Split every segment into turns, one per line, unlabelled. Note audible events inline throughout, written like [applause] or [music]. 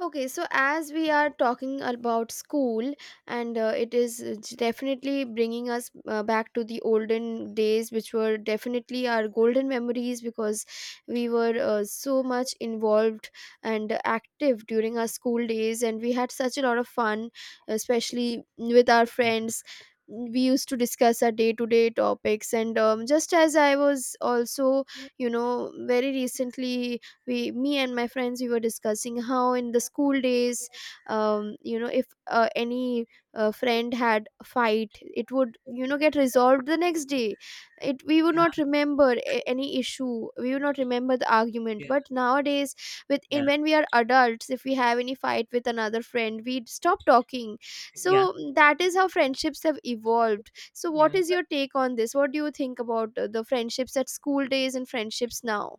Okay, so as we are talking about school, and it is definitely bringing us back to the olden days, which were definitely our golden memories because we were so much involved and active during our school days, and we had such a lot of fun, especially with our friends. We used to discuss our day to day topics, and just as I was also, you know, very recently we me and my friends we were discussing how in the school days, you know, if any friend had a fight, it would, you know, get resolved the next day. It We would
Yeah,
not remember any issue, we would not remember the argument.
yeah,
But nowadays, with in
yeah,
when we are adults, if we have any fight with another friend, we stop talking. So
yeah,
that is how friendships have evolved. So what
yeah.
is your take on this? What do you think about the friendships at school days and friendships now?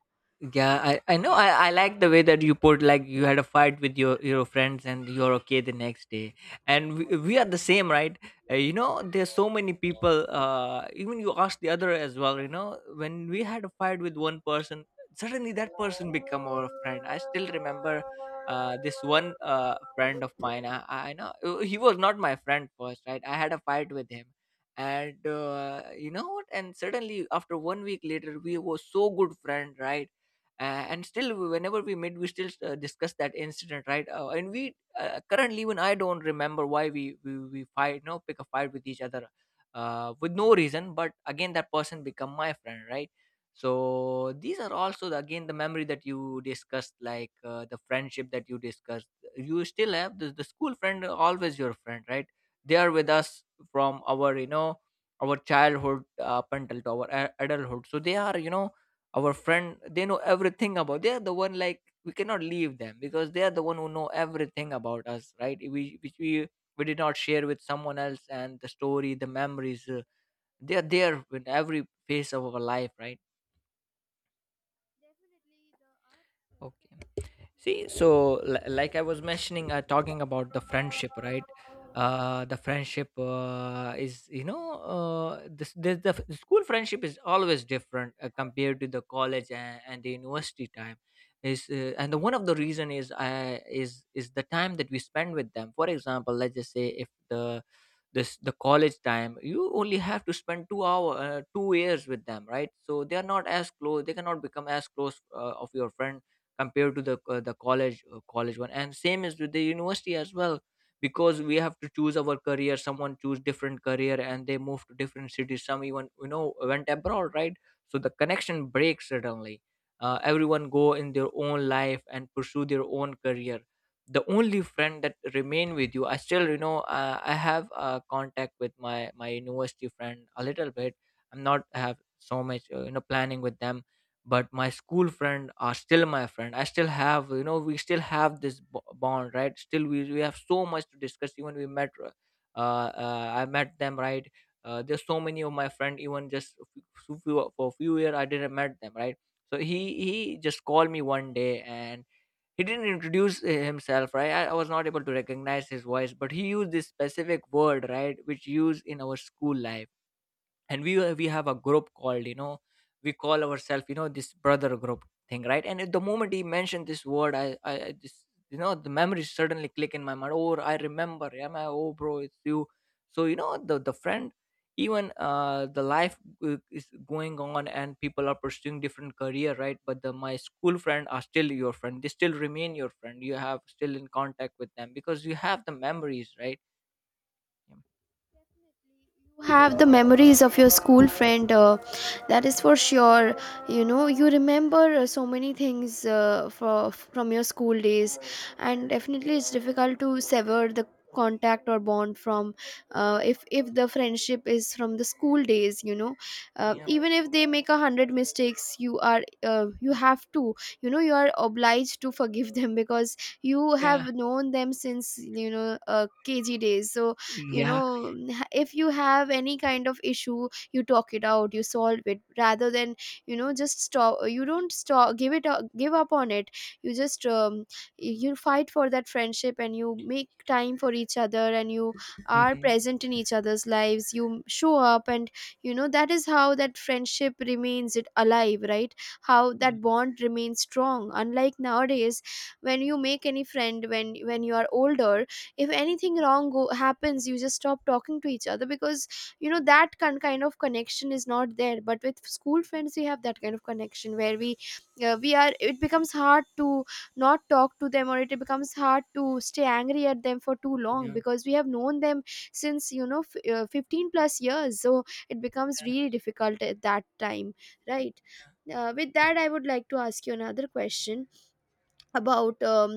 Yeah, I know. I like the way that you put, like, you had a fight with your friends and you're okay the next day. And we are the same, right? There's so many people. Even you ask the other as well. When we had a fight with one person, suddenly that person become our friend. I still remember this one friend of mine. I know he was not my friend first, right? I had a fight with him. And you know what? And suddenly, after one week later, we were so good friend, right? And still, whenever we meet, we still discuss that incident, right? And we, currently, even I don't remember why we fight, pick a fight with each other with no reason. But again, that person become my friend, right? So these are also the, again, the memory that you discussed, like, the friendship that you discussed. You still have the school friend are always your friend, right? They are with us from our, our childhood, up until to our adulthood. So they are, our friend. They know everything about, they're the one, like, we cannot leave them because they are the one who know everything about us, right? We, which we did not share with someone else, and the story, the memories, they are there in every phase of our life, right?
Definitely, the arts
Okay.
friends made
See, so, like I was mentioning, talking about the friendship, right? The friendship is, the school friendship is always different compared to the college and the university time. Is and the one of the reason is the time that we spend with them. For example, let's just say, if the this, the college time, you only have to spend 2 years with them, right? So they are not as close, they cannot become as close of your friend, compared to the college one. And same is with the university as well. Because we have to choose our career, someone choose different career and they move to different cities. Some even, went abroad, right? So the connection breaks suddenly. Everyone go in their own life and pursue their own career. The only friend that remain with you, I still, I have contact with my university friend a little bit. I'm not have so much, planning with them. But my school friend are still my friend. I still have, we still have this bond, right? Still, we have so much to discuss, even we met, I met them, right? There's so many of my friend, even just a few, for a few years I didn't met them, right? So he just called me one day, and he didn't introduce himself, right? I was not able to recognize his voice, but he used this specific word, right, which used in our school life. And we have a group called, we call ourselves, this brother group thing, right? And at the moment he mentioned this word, I just, the memories suddenly click in my mind. Oh, I remember. Am I? Oh, bro, it's you. So, the friend, even the life, is going on, and people are pursuing different career, right? But the, my school friend are still your friend. They still remain your friend. You have still in contact with them because you have the memories, right?
have the memories of your school friend, that is for sure. You know, you remember so many things from your school days, and definitely it's difficult to sever the contact or bond from, if the friendship is from the school days, you know,
Yeah, yeah,
even if they make 100 mistakes, you are you have to, you know, you are obliged to forgive them [laughs] because you have
yeah,
known them since, you know, kg days. So you
yeah.
know, if you have any kind of issue, you talk it out, you solve it rather than, you know, just stop. You don't stop, give it up, give up on it. You just you fight for that friendship, and you make time for each other, and you are
Mm-hmm.
present in each other's lives, you show up, and you know that is how that friendship remains it alive, right? How
Yeah,
that bond remains strong, unlike nowadays. When you make any friend, when you are older, if anything happens, you just stop talking to each other because, you know, that kind of connection is not there. But with school friends we have that kind of connection where we are, it becomes hard to not talk to them, or it becomes hard to stay angry at them for too long,
yeah,
because we have known them since, you know, 15 plus years, so it becomes
that-
really difficult at that time, right? With that, I would like to ask you another question about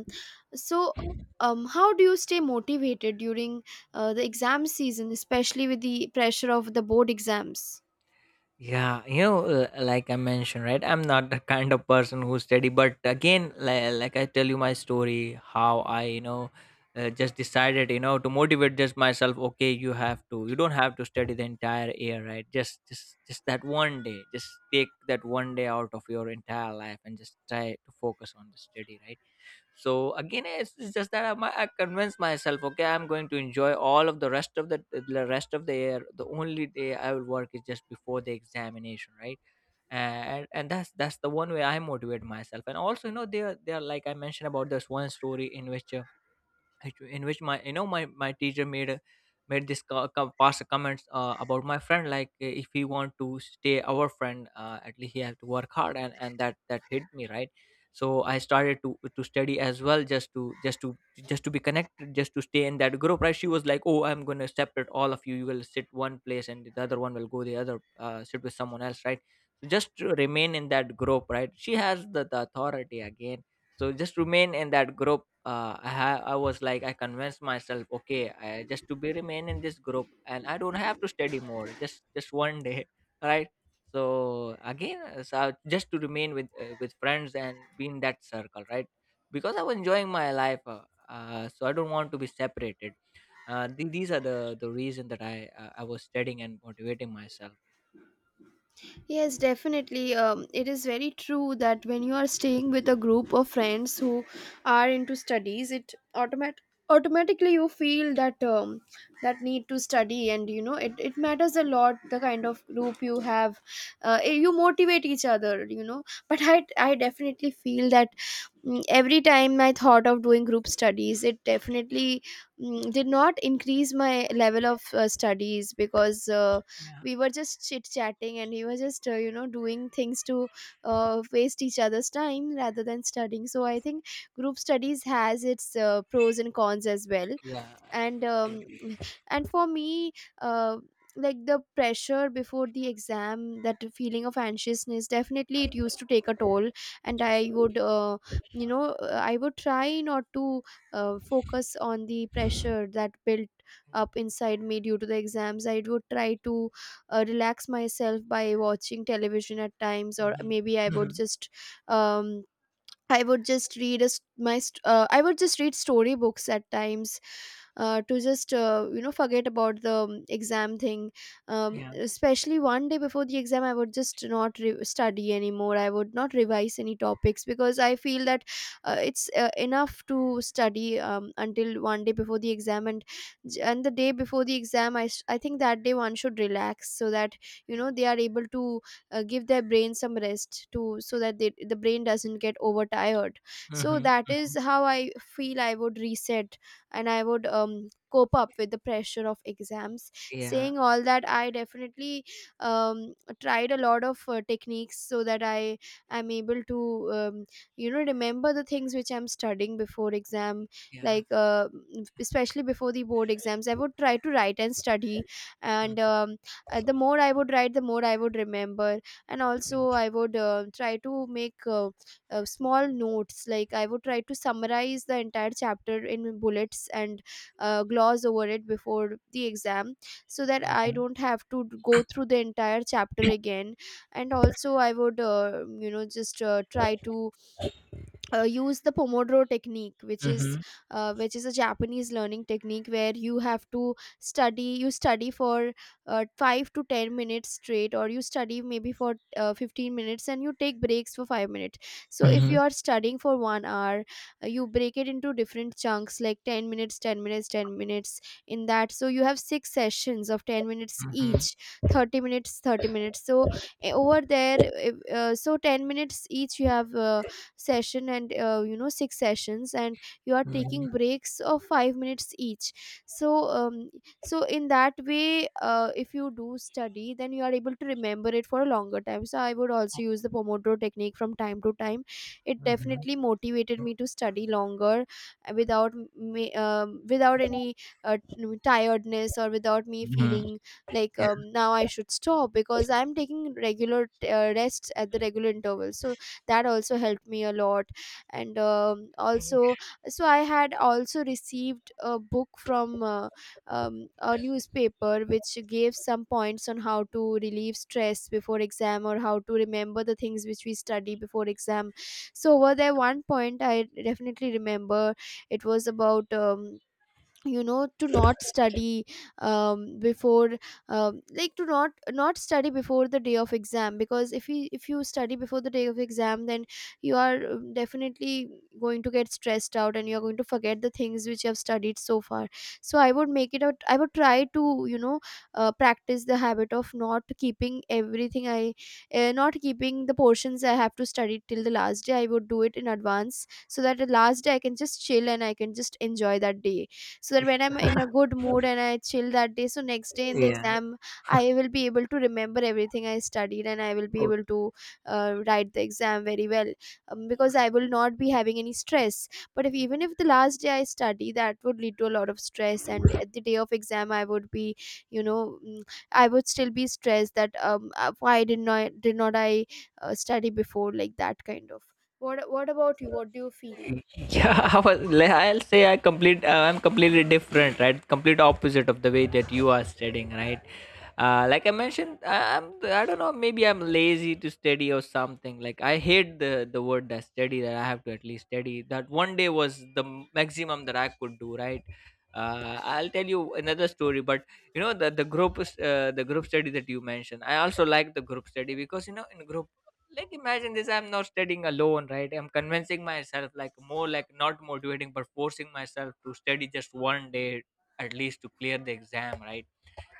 so how do you stay motivated during the exam season, especially with the pressure of the board exams?
yeah, like I mentioned, right? I'm not the kind of person who study. But again, like I tell you my story, how I, just decided, to motivate just myself. Okay, you have to, you don't have to study the entire year, right? Just that one day. Just take that one day out of your entire life and just try to focus on the study, right? So again, it's just that, I convinced myself, okay, I'm going to enjoy all of the rest of the year. The only day I will work is just before the examination, right? And that's the one way I motivate myself. And also, they are, like I mentioned, about this one story in which in which my, my teacher made a, made this past comments about my friend, like, if he want to stay our friend, at least he has to work hard. And that hit me, right? So I started to study as well, just to be connected, just to stay in that group, right? She was like, oh, I'm going to separate all of you. You will sit one place, and the other one will go the other, sit with someone else, right? So just to remain in that group, right? She has the authority again. So just remain in that group, I was like, I convinced myself, okay, just to be remain in this group, and I don't have to study more, just one day. [laughs] Right? So again, just to remain with, with friends, and be in that circle, right? Because I was enjoying my life, so I don't want to be separated. These are the reason that I, I was studying and motivating myself.
Yes, definitely. It is very true that when you are staying with a group of friends who are into studies, it automatically you feel that that need to study, and you know, it matters a lot, the kind of group you have. You motivate each other, you know. But I definitely feel that, every time I thought of doing group studies, it definitely, did not increase my level of studies, because we were just chit chatting, and we were just, you know, doing things to waste each other's time rather than studying. So I think group studies has its pros and cons as well.
Yeah,
And
I agree.
and for me, uh, like the pressure before the exam, that feeling of anxiousness, definitely it used to take a toll, and I would, you know, I would try not to focus on the pressure that built up
Yeah.
inside me due to the exams. I would try to relax myself by watching television at times, or
Mhm.
maybe I would
Mhm.
just um, I would just read a, s- my st- I would just read storybooks at times to just, you know, forget about the exam thing.
Yeah,
Especially one day before the exam, I would just not study anymore. I would not revise any topics, because I feel that it's enough to study until one day before the exam. And the day before the exam, I think that day one should relax, so that, you
yeah.
know, they are able to give their brain some rest to, so that the brain doesn't get overtired. So
Mhm.
that is
Mhm.
how I feel I would reset, and I would cope up with the pressure of exams.
Yeah.
Saying all that, I definitely um, tried a lot of techniques so that I am able to, you know, remember the things which I'm studying before exam.
Yeah.
Like especially before the board exams, I would try to write and study.
Mhm,
And the more I would write, the more I would remember. And also I would, try to make small notes, like I would try to summarize the entire chapter in bullets and gloss over it before the exam, so that I
mhm,
don't have to go through the entire chapter again. And also I would, you know, just try to use the pomodoro technique,
mhm,
which is a Japanese learning technique, where you have to study, you study for 5 to 10 minutes straight, or you study maybe for 15 minutes and you take breaks for 5 minutes. So if you
mhm,
are studying for 1 hour, you break it into different chunks, like 10 minutes, 10 minutes, 10 minutes in that, so you have six sessions of 10 minutes
mhm,
each, 30 minutes, 30 minutes. So over there, so 10 minutes each you have session, and, you know, six sessions, and you are
mhm,
taking breaks of 5 minutes each. So so in that way, if you do study, then you are able to remember it for a longer time. So I would also use the pomodoro technique from time to time. It
mhm,
definitely motivated me to study longer without me, without any tiredness, or without me
mhm,
feeling like,
yeah,
now I should stop, because I'm taking regular rests at the regular intervals. So that also helped me a lot. And also, so I had also received a book from, a newspaper, which gave some points on how to relieve stress before exam, or how to remember the things which we study before exam. So over there, one point I definitely remember. It was about, you know, to not study before, like to not study before the day of exam, because if you, if you study before the day of exam, then you are definitely going to get stressed out, and you are going to forget the things which you have studied so far. So I would make it out, I would try to, you know, practice the habit of not keeping everything I not keeping the portions I have to study till the last day. I would do it in advance, so that the last day I can just chill, and I can just enjoy that day. So that when I'm in a good mood and I chill that day, so next day in the
yeah.
exam I will be able to remember everything I studied, and I will be able to write the exam very well. Because I will not be having any stress. But if even if the last day I study, that would lead to a lot of stress, and at the day of exam I would be, you know, I would still be stressed that um, why did not did not I study before, like that kind of. What about you? What do you feel?
Yeah, [laughs] I was, I'll say I complete. I'm completely different, right? Complete opposite of the way that you are studying, right? Like I mentioned, I'm. I don't know. Maybe I'm lazy to study or something. Like, I hate the word that study. That I have to at least study. That one day was the maximum that I could do, right? I'll tell you another story. But you know the the group study that you mentioned. I also like the group study, because you know, in group, like, imagine this, I'm not studying alone, right? I'm convincing myself, like, more like not motivating, but forcing myself to study just one day, at least to clear the exam, right?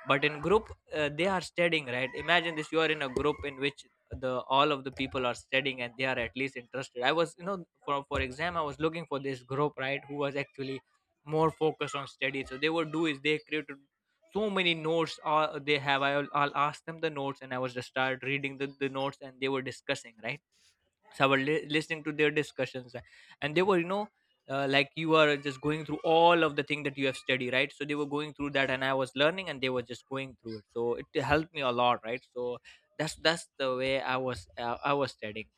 But in group, they are studying, right? Imagine this, you are in a group in which the all of the people are studying, and they are at least interested. I was, for exam I was looking for this group, right, who was actually more focused on study. So they would do is, they created so many notes, they have, I'll ask them the notes, and I was just start reading the notes, and they were discussing, right? So I was listening to their discussions, and they were, like you are just going through all of the thing that you have studied, right? So they were going through that, and I was learning, and they were just going through it, so it helped me a lot, right? So that's the way I was studying.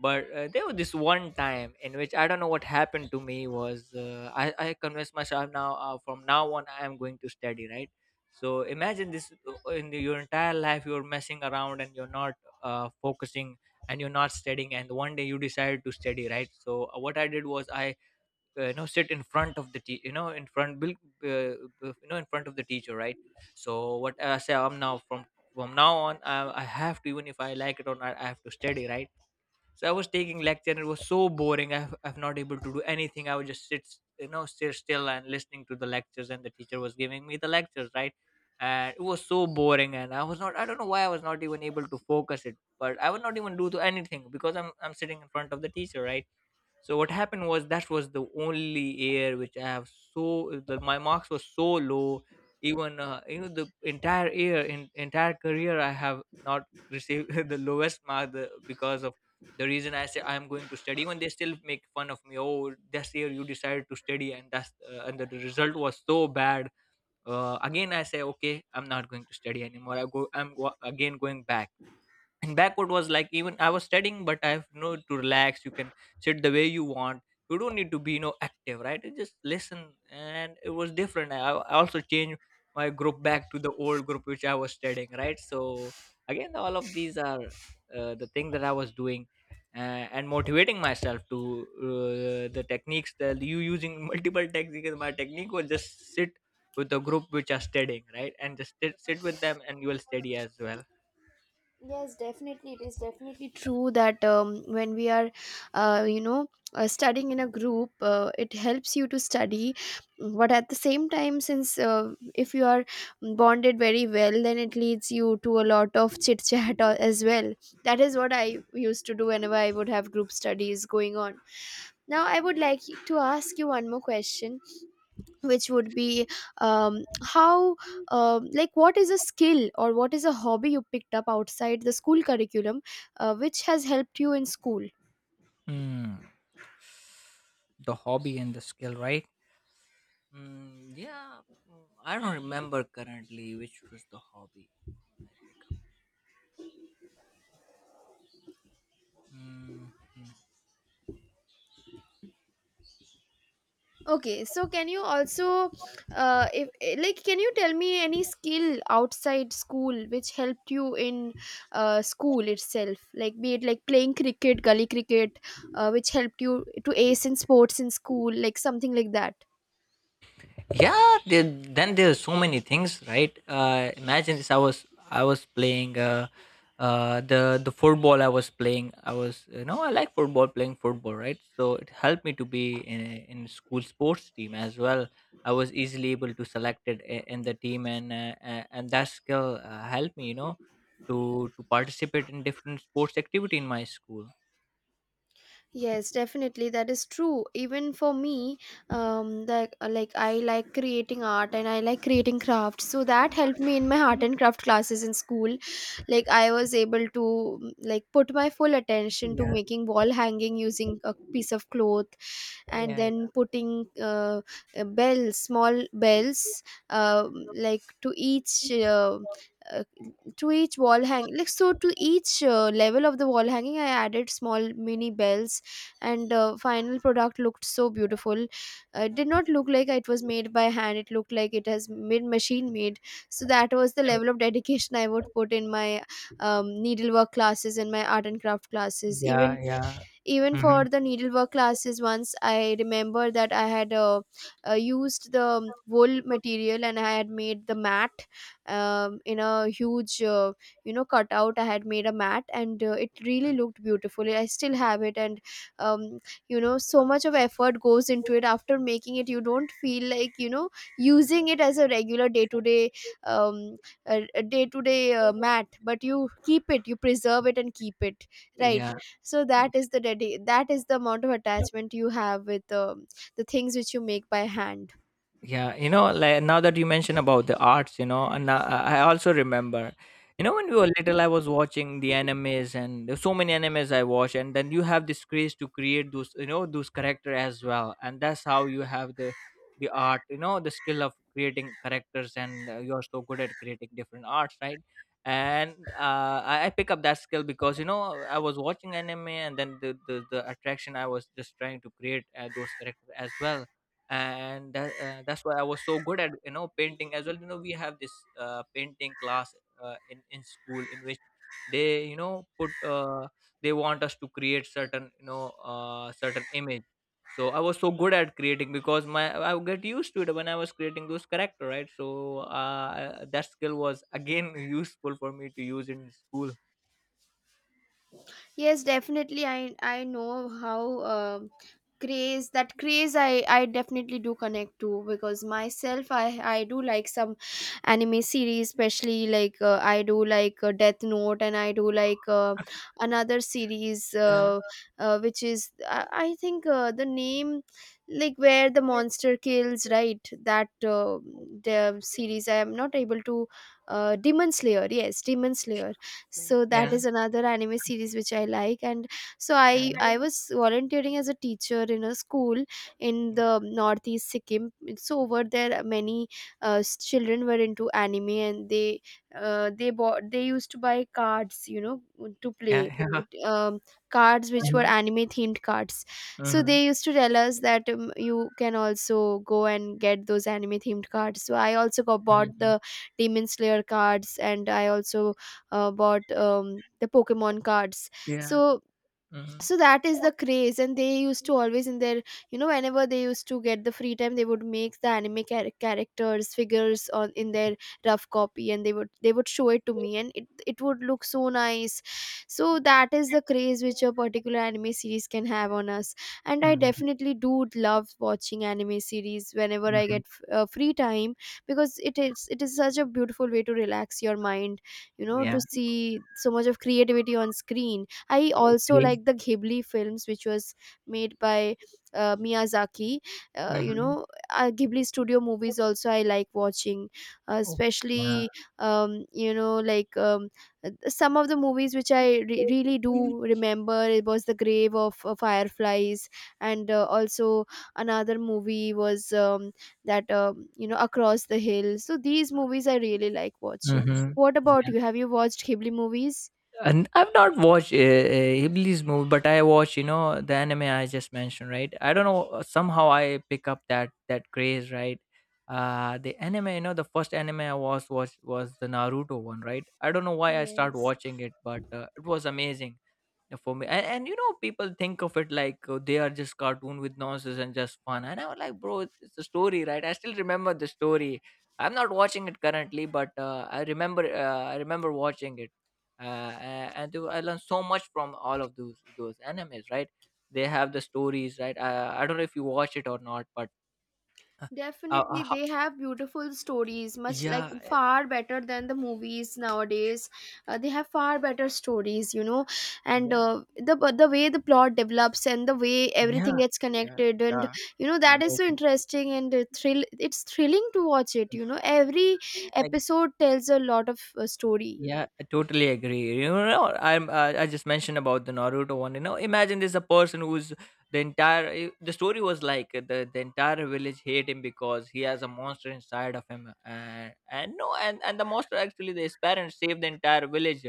But there was this one time in which, I don't know what happened to me, was, I convinced myself now, from now on I am going to study, right? So imagine this, in your entire life you're messing around, and you're not focusing, and you're not studying, and one day you decide to study, right? So what I did was, I, you know sit in front bil- you know in front of the teacher, right? So what I say, I'm now from now on I have to, even if I like it or not, I have to study, right? So I was taking lecture, and it was so boring. I've not able to do anything. I would just sit, sit still and listening to the lectures, and the teacher was giving me the lectures, right? And it was so boring, and I was not, I don't know why I was not even able to focus it, but I would not even do to anything, because I'm sitting in front of the teacher, right? So what happened? Was that was the only year which I have. So my marks were so low. Even the entire year, in entire career, I have not received [laughs] the lowest mark because of the reason I say I am going to study. Even they still make fun of me. Oh, this year you decided to study, and that's and the result was so bad. Again, I say okay, I'm not going to study anymore. Again going back, and backward was like, even I was studying, but I have no, to relax you can sit the way you want. You don't need to be active, right? You just listen, and it was different. I also changed my group back to the old group which I was studying, right? So again, all of these are the thing that I was doing, uh, and motivating myself to, the techniques that you using. [laughs] Multiple techniques. My technique was just sit with the group which are studying, right, and just sit with them and you will study as well.
Yes, definitely. It is definitely true that, when we are, you know, studying in a group, it helps you to study. But at the same time, since, if you are bonded very well, then it leads you to a lot of chit chat as well. That is what I used to do whenever I would have group studies going on. Now, I would like to ask you one more question, which would be, how, like what is a skill, or what is a hobby you picked up outside the school curriculum, which has helped you in school?
Hmm. The hobby and the skill, right? Mm, yeah, I don't remember currently which was the hobby I pick up. Mm,
Okay, so can you also, if eh, like can you tell me any skill outside school which helped you in school itself, like be it like playing cricket, gully cricket, which helped you to ace in sports in school, like something like that?
yeah then there's so many things, right? Imagine this. I was playing, the football I was playing. I was, I like football, playing football, right? So it helped me to be in school sports team as well. I was easily able to select it in the team, and and that skill helped me, to participate in different sports activity in my school.
Yes, definitely. That is true. Even for me, the, like I like creating art and I like creating crafts. So that helped me in my art and craft classes in school. Like I was able to like put my full attention to
Yeah,
making wall hanging using a piece of cloth and
yeah,
then putting bells, small bells, uh, like uh, to each wall hang, like, so to each level of the wall hanging I added small mini bells. And final product looked so beautiful. It did not look like it was made by hand, it looked like it has been machine made. So that was the
yeah,
level of dedication I would put in my needlework classes and my art and craft classes.
yeah.
even
Yeah.
even
Hmm.
for the needlework classes, once I remember that I had used the wool material and I had made the mat in a huge you know, cutout. I had made a mat and it really looked beautiful. I still have it. And um, you know, so much of effort goes into it, after making it you don't feel like, you know, using it as a regular um day to day mat, but you keep it, you preserve it and keep it, right?
Yeah.
So that is that is the amount of attachment you have with the things which you make by hand.
Yeah, you know, like now that you mention about the arts, and I also remember, when we were little, I was watching the animes, and there's so many animes I watch, and then you have this craze to create those, those character as well, and that's how you have the art, the skill of creating characters, and you're so good at creating different arts, right? And I pick up that skill because I was watching anime, and then the attraction, I was just trying to create those characters as well, and that's why I was so good at painting as well. We have this painting class, in school, in which they put, they want us to create certain, certain image. So I was so good at creating because my I would get used to it when I was creating those character, right? So that skill was again [laughs] useful for me to use in school.
Yes, definitely. I know how um craze, that craze I definitely do connect to, because myself I do like some anime series, especially like, I do like Death Note and I do like another series,
Yeah.
which is, I think the name, like where the monster kills, right? That the series I am not able to Demon Slayer, yes, Demon Slayer. So that
Yeah.
is another anime series which I like. And so
Yeah.
I was volunteering as a teacher in a school in the northeast, Sikkim. So over there, many children were into anime and they, they bought they used to buy cards, you know, to
Yeah.
play
Yeah. [laughs] Yeah.
it. Cards which were
Mhm,
anime themed cards. So
mhm,
they used to tell us that you can also go and get those anime themed cards. So I also got
mhm,
bought
mhm.
the demon slayer cards, and I also bought the Pokemon cards.
Yeah.
So
Mhm,
so that is the craze. And they used to always, in their, you know, whenever they used to get the free time, they would make the anime characters figures on in their rough copy, and they would show it to me and it would look so nice. So that is the craze which a particular anime series can have on us. And I
mhm.
definitely do love watching anime series whenever I get
Mhm.
free time, because it is, it is such a beautiful way to relax your mind, you know,
Yeah,
to see so much of creativity on screen. I also
agree.
like the Ghibli films, which was made by Miyazaki. You
Mhm.
know, Ghibli studio movies also I like watching,
Oh, yeah.
especially you know, like, some of the movies which I really do remember. It was The Grave of Fireflies, and also another movie was that, you know, Across the Hill. So these movies I really like watching.
Mm-hmm.
What about
Yeah.
you? Have you watched Ghibli movies?
And I've not watched Hibli's movie, but I watch, the anime I just mentioned, right? I don't know. Somehow I pick up that craze, right? The anime, the first anime I was watched was the Naruto one, right? I don't know why I start
Yes.
watching it, but it was amazing. Yeah, for me, and, you know people think of it like, they are just cartoon with nonsense and just fun. And I was like, bro, it's a story, right? I still remember the story. I'm not watching it currently, but I remember watching it. I learned so much from all of those animes, right? They have the stories, right? I don't know if you watch it or not, but uh, uh,
Definitely,
ho-
they have beautiful stories, much, like,
yeah,
far better than the movies nowadays. They have far better stories, you know, and
yeah.
the but the way the plot develops and the way everything
Yeah,
gets
yeah,
connected, and
yeah.
you know, that is so
Amazing.
interesting and thrill. It's thrilling to watch it. You know, every
Amazing.
episode tells a lot of story.
Yeah, I totally agree. I just mentioned about the Naruto one. Imagine there's a person who's, the story was like, the entire village hate him because he has a monster inside of him, and no, and the monster actually, his parents saved the entire village,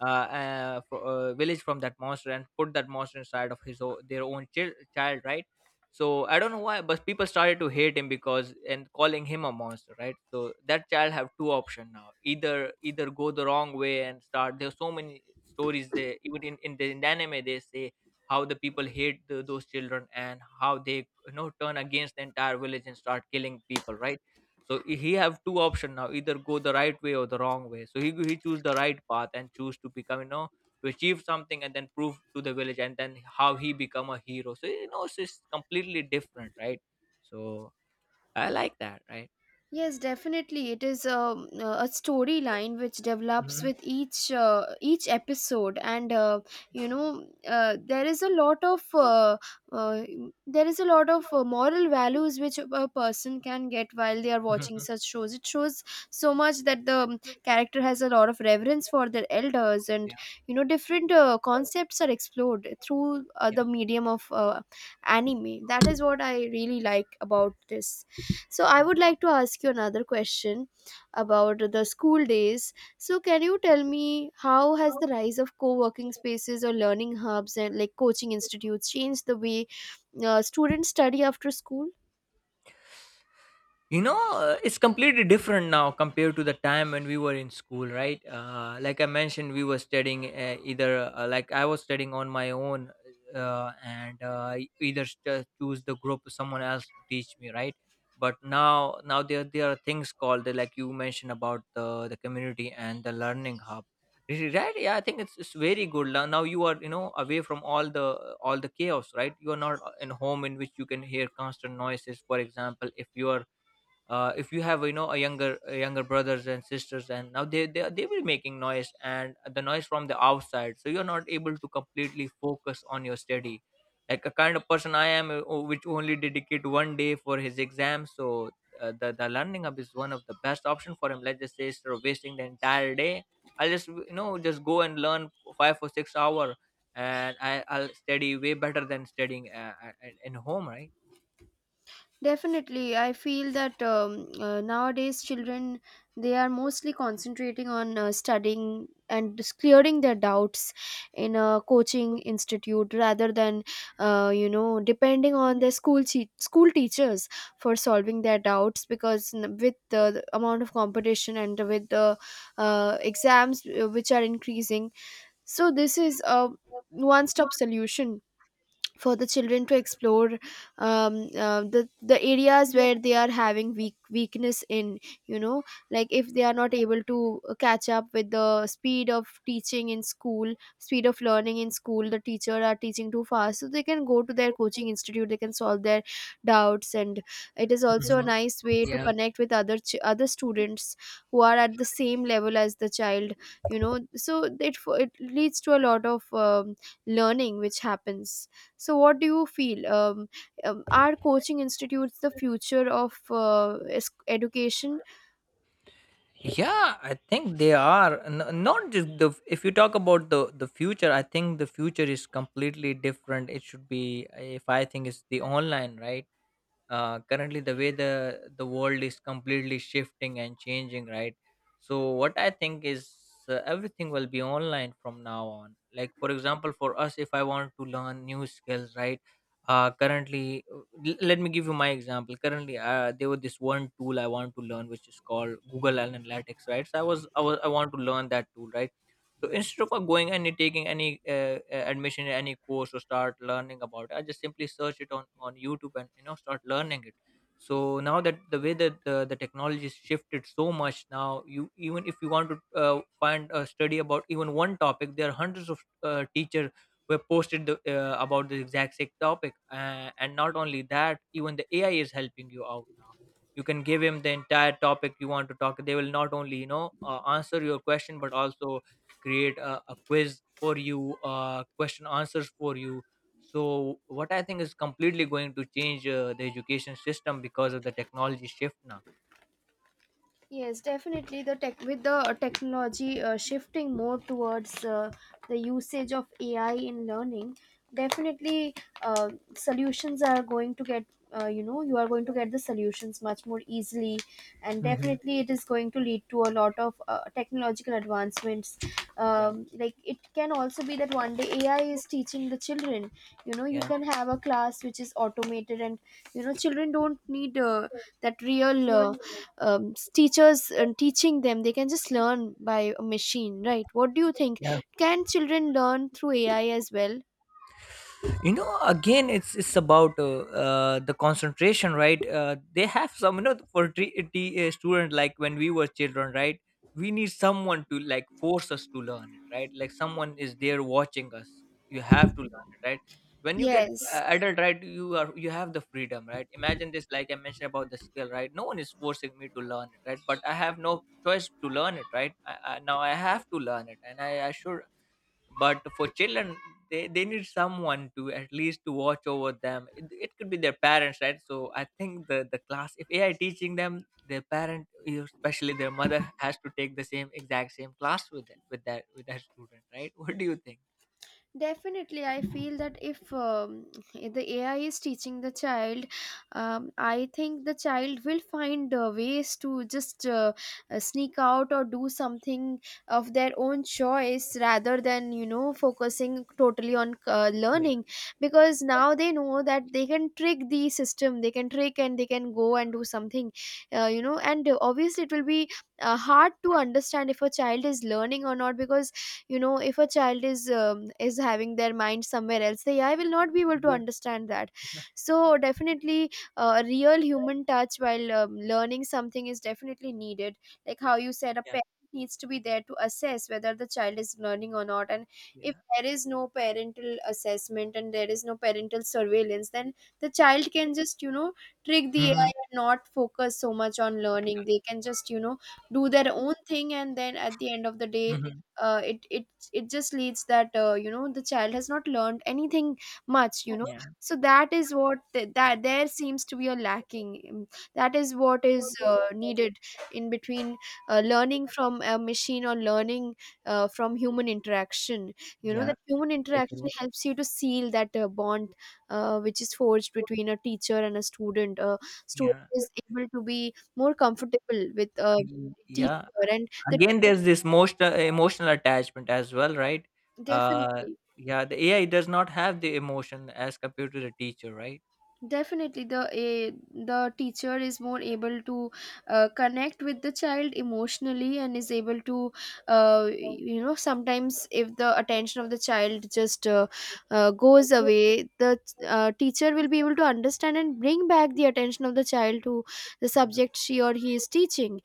village from that monster and put that monster inside of their own child, right? So I don't know why, but people started to hate him because, and calling him a monster, right? So that child have two options now: either go the wrong way and start. There's so many stories there. Even in the anime, they say how the people hate the, those children and how they turn against the entire village and start killing people, right? So he have two options now: either go the right way or the wrong way. So he choose the right path and choose to become, to achieve something, and then prove to the village, and then how he become a hero. So it's just completely different, right? So I like that, right?
Yes, definitely. It is a storyline which develops
Mhm.
with each episode, and you know there is a lot of uh, there is a lot of
Mhm.
moral values which a person can get while they are watching such
[laughs]
shows. It shows so much that the character has a lot of reverence for their elders, and
Yeah.
you know, different concepts are explored through
Yeah.
the medium of anime. That is what I really like about this. So I would like to ask you another question about the school days. So can you tell me how has the rise of co-working spaces or learning hubs and, like, coaching institutes changed the way students study after school?
It's completely different now compared to the time when we were in school, right? Like I mentioned, we were studying, either, like I was studying on my own, and choose the group or someone else to teach me, right? But now there are things called, like you mentioned, about the community and the learning hub. Right, yeah, I think it's very good Now you are, away from all the chaos, right? You are not in home in which you can hear constant noises. For example, if you are, if you have, a younger, brothers and sisters, and now they will making noise, and the noise from the outside, so you're not able to completely focus on your study. Like, a kind of person I am, which only dedicate one day for his exam. So the learning hub is one of the best option for him. Let's just say, instead of wasting the entire day, I'll just, just go and learn 5 or 6 hour, and I'll study way better than studying in home, right?
Definitely, I feel that nowadays children, they are mostly concentrating on studying and just clearing their doubts in a coaching institute rather than you know, depending on their school teachers for solving their doubts, because with the amount of competition and with the exams which are increasing, so this is a one-stop solution for the children to explore um, the areas where they are having weakness in, you know, like, if they are not able to catch up with the speed of teaching in school, speed of learning in school, the teacher are teaching too fast, so they can go to their coaching institute, they can solve their doubts, and it is also a
Mhm.
nice way to
Yeah.
connect with other other students who are at the same level as the child, you know. So it it leads to a lot of learning which happens. So what do you feel, are coaching institutes the future of education?
Yeah, I think they are not just the. If you talk about the future, I think the future is completely different. It should be, if I think, it's the online, right? Currently the way the world is completely shifting and changing, right? So what I think is, everything will be online from now on. Like, for example, for us, if I want to learn new skills, right? Uh currently uh, l- let me give you my example. Currently, there was this one tool I want to learn, which is called Google Analytics, right? So I want to learn that tool, right? So instead of, going and taking any, admission in any course or start learning about it, I just simply search it on YouTube and start learning it. So now that the way that the technology has shifted so much now, you, even if you want to, find a study about even one topic, there are hundreds of, teacher who have posted about the exact same topic. And not only that, even the AI is helping you out now. You can give him the entire topic you want to talk, they will not only, answer your question, but also create a quiz for you, question answers for you. So what I think is completely going to change, the education system, because of the technology shift now.
Yes, definitely. The tech With the technology shifting more towards the usage of AI in learning, definitely uh, solutions are going to get, you know, you are going to get the solutions much more easily, and
Hmm.
definitely it is going to lead to a lot of technological advancements.
Yeah.
Like, it can also be that one day AI is teaching the children. You know, you
Yeah.
can have a class which is automated, and you know, children don't need that real. Teachers teaching them. They can just learn by a machine, right? What do you think,
Yeah.
can children learn through AI as well?
Again, it's about, the concentration, right? They have some, for student, like when we were children, right? We need someone to like force us to learn it, right? Like someone is there watching us, you have to learn it, right? When you get,
Yes.
adult, right? You have the freedom, right? Imagine this, like I mentioned about the skill, right? No one is forcing me to learn it, right? But I have no choice to learn it, right? Now I have to learn it, and I should. But for children, they need someone to at least to watch over them. It could be their parents, right? So I think the class, if AI teaching them, their parent, especially their mother, has to take the same exact same class with that with that student, right? [laughs] What do you think?
Definitely, I feel that if the AI is teaching the child, I think the child will find ways to just sneak out or do something of their own choice, rather than, you know, focusing totally on
Yeah.
learning, because now they know that they can trick the system, they can trick and they can go and do something, you know, and obviously, it will be hard to understand if a child is learning or not, because you know, if a child is having their mind somewhere else, the AI will not be able to
Yeah.
understand that.
Yeah.
So definitely, a real human touch while learning something is definitely needed, like how you said, a
Yeah.
parent needs to be there to assess whether the child is learning or not. And if
Yeah.
there is no parental assessment and there is no parental surveillance, then the child can just, you know, trick the AI
Mhm,
and not focus so much on learning, they can just, you know, do their own thing, and then at the end of the day,
mhm.
uh, it it it just leads that, you know, the child has not learned anything much, you know.
Yeah.
So that is what that, there seems to be a lacking, that is what is needed in between learning from a machine or learning from human interaction. You know,
Yeah.
that human
I
interaction
agree.
helps you to seal that bond, which is forged between a teacher and a student. A student
Yeah.
is able to be more comfortable with a
Yeah.
teacher, and the
Again, there's this emotional attachment as well, right? uh
definitely
yeah, the AI does not have the emotion as compared to the teacher, right?
definitely the a the teacher is more able to connect with the child emotionally, and is able to, you know, sometimes if the attention of the child just goes away, the teacher will be able to understand and bring back the attention of the child to the
Yeah.
subject she or he is teaching.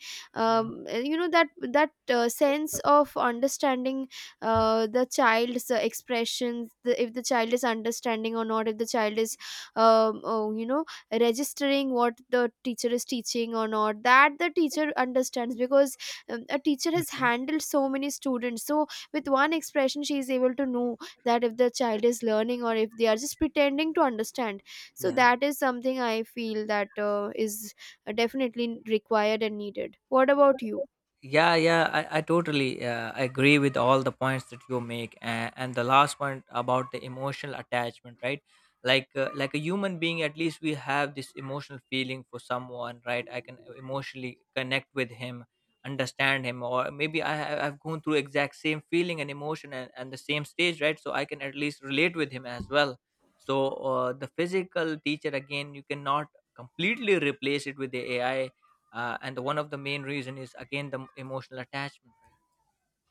Yeah.
You know, that, that sense of understanding the child's expressions, the, if the child is understanding or not, if the child is oh, you know, registering what the teacher is teaching or not, that the teacher understands, because a teacher has
Mhm.
handled so many students, so with one expression she is able to know that if the child is learning or if they are just pretending to understand. So
Yeah.
that is something I feel that is definitely required and needed. What about you?
Yeah. Yeah, I totally agree with all the points that you make, and, the last point about the emotional attachment, right? Like, a human being, at least we have this emotional feeling for someone, right? I can emotionally connect with him, understand him, or maybe I've gone through exact same feeling and emotion, and, the same stage, right? So I can at least relate with him as well. So the physical teacher, again, you cannot completely replace it with the AI, and one of the main reason is again the emotional attachment, right?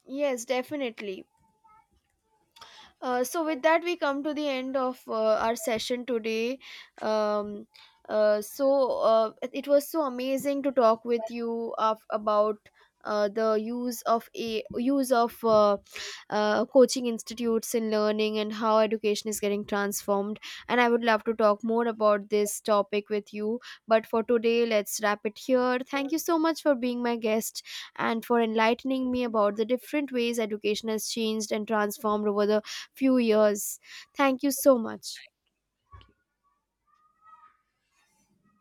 Yes, definitely. So with that we come to the end of our session today. um, so it, it was so amazing to talk with you about the use of a use of coaching institutes in learning and how education is getting transformed, and I would love to talk more about this topic with you, but for today let's wrap it here. Thank you so much for being my guest, and for enlightening me about the different ways education has changed and transformed over the few years. Thank you so much.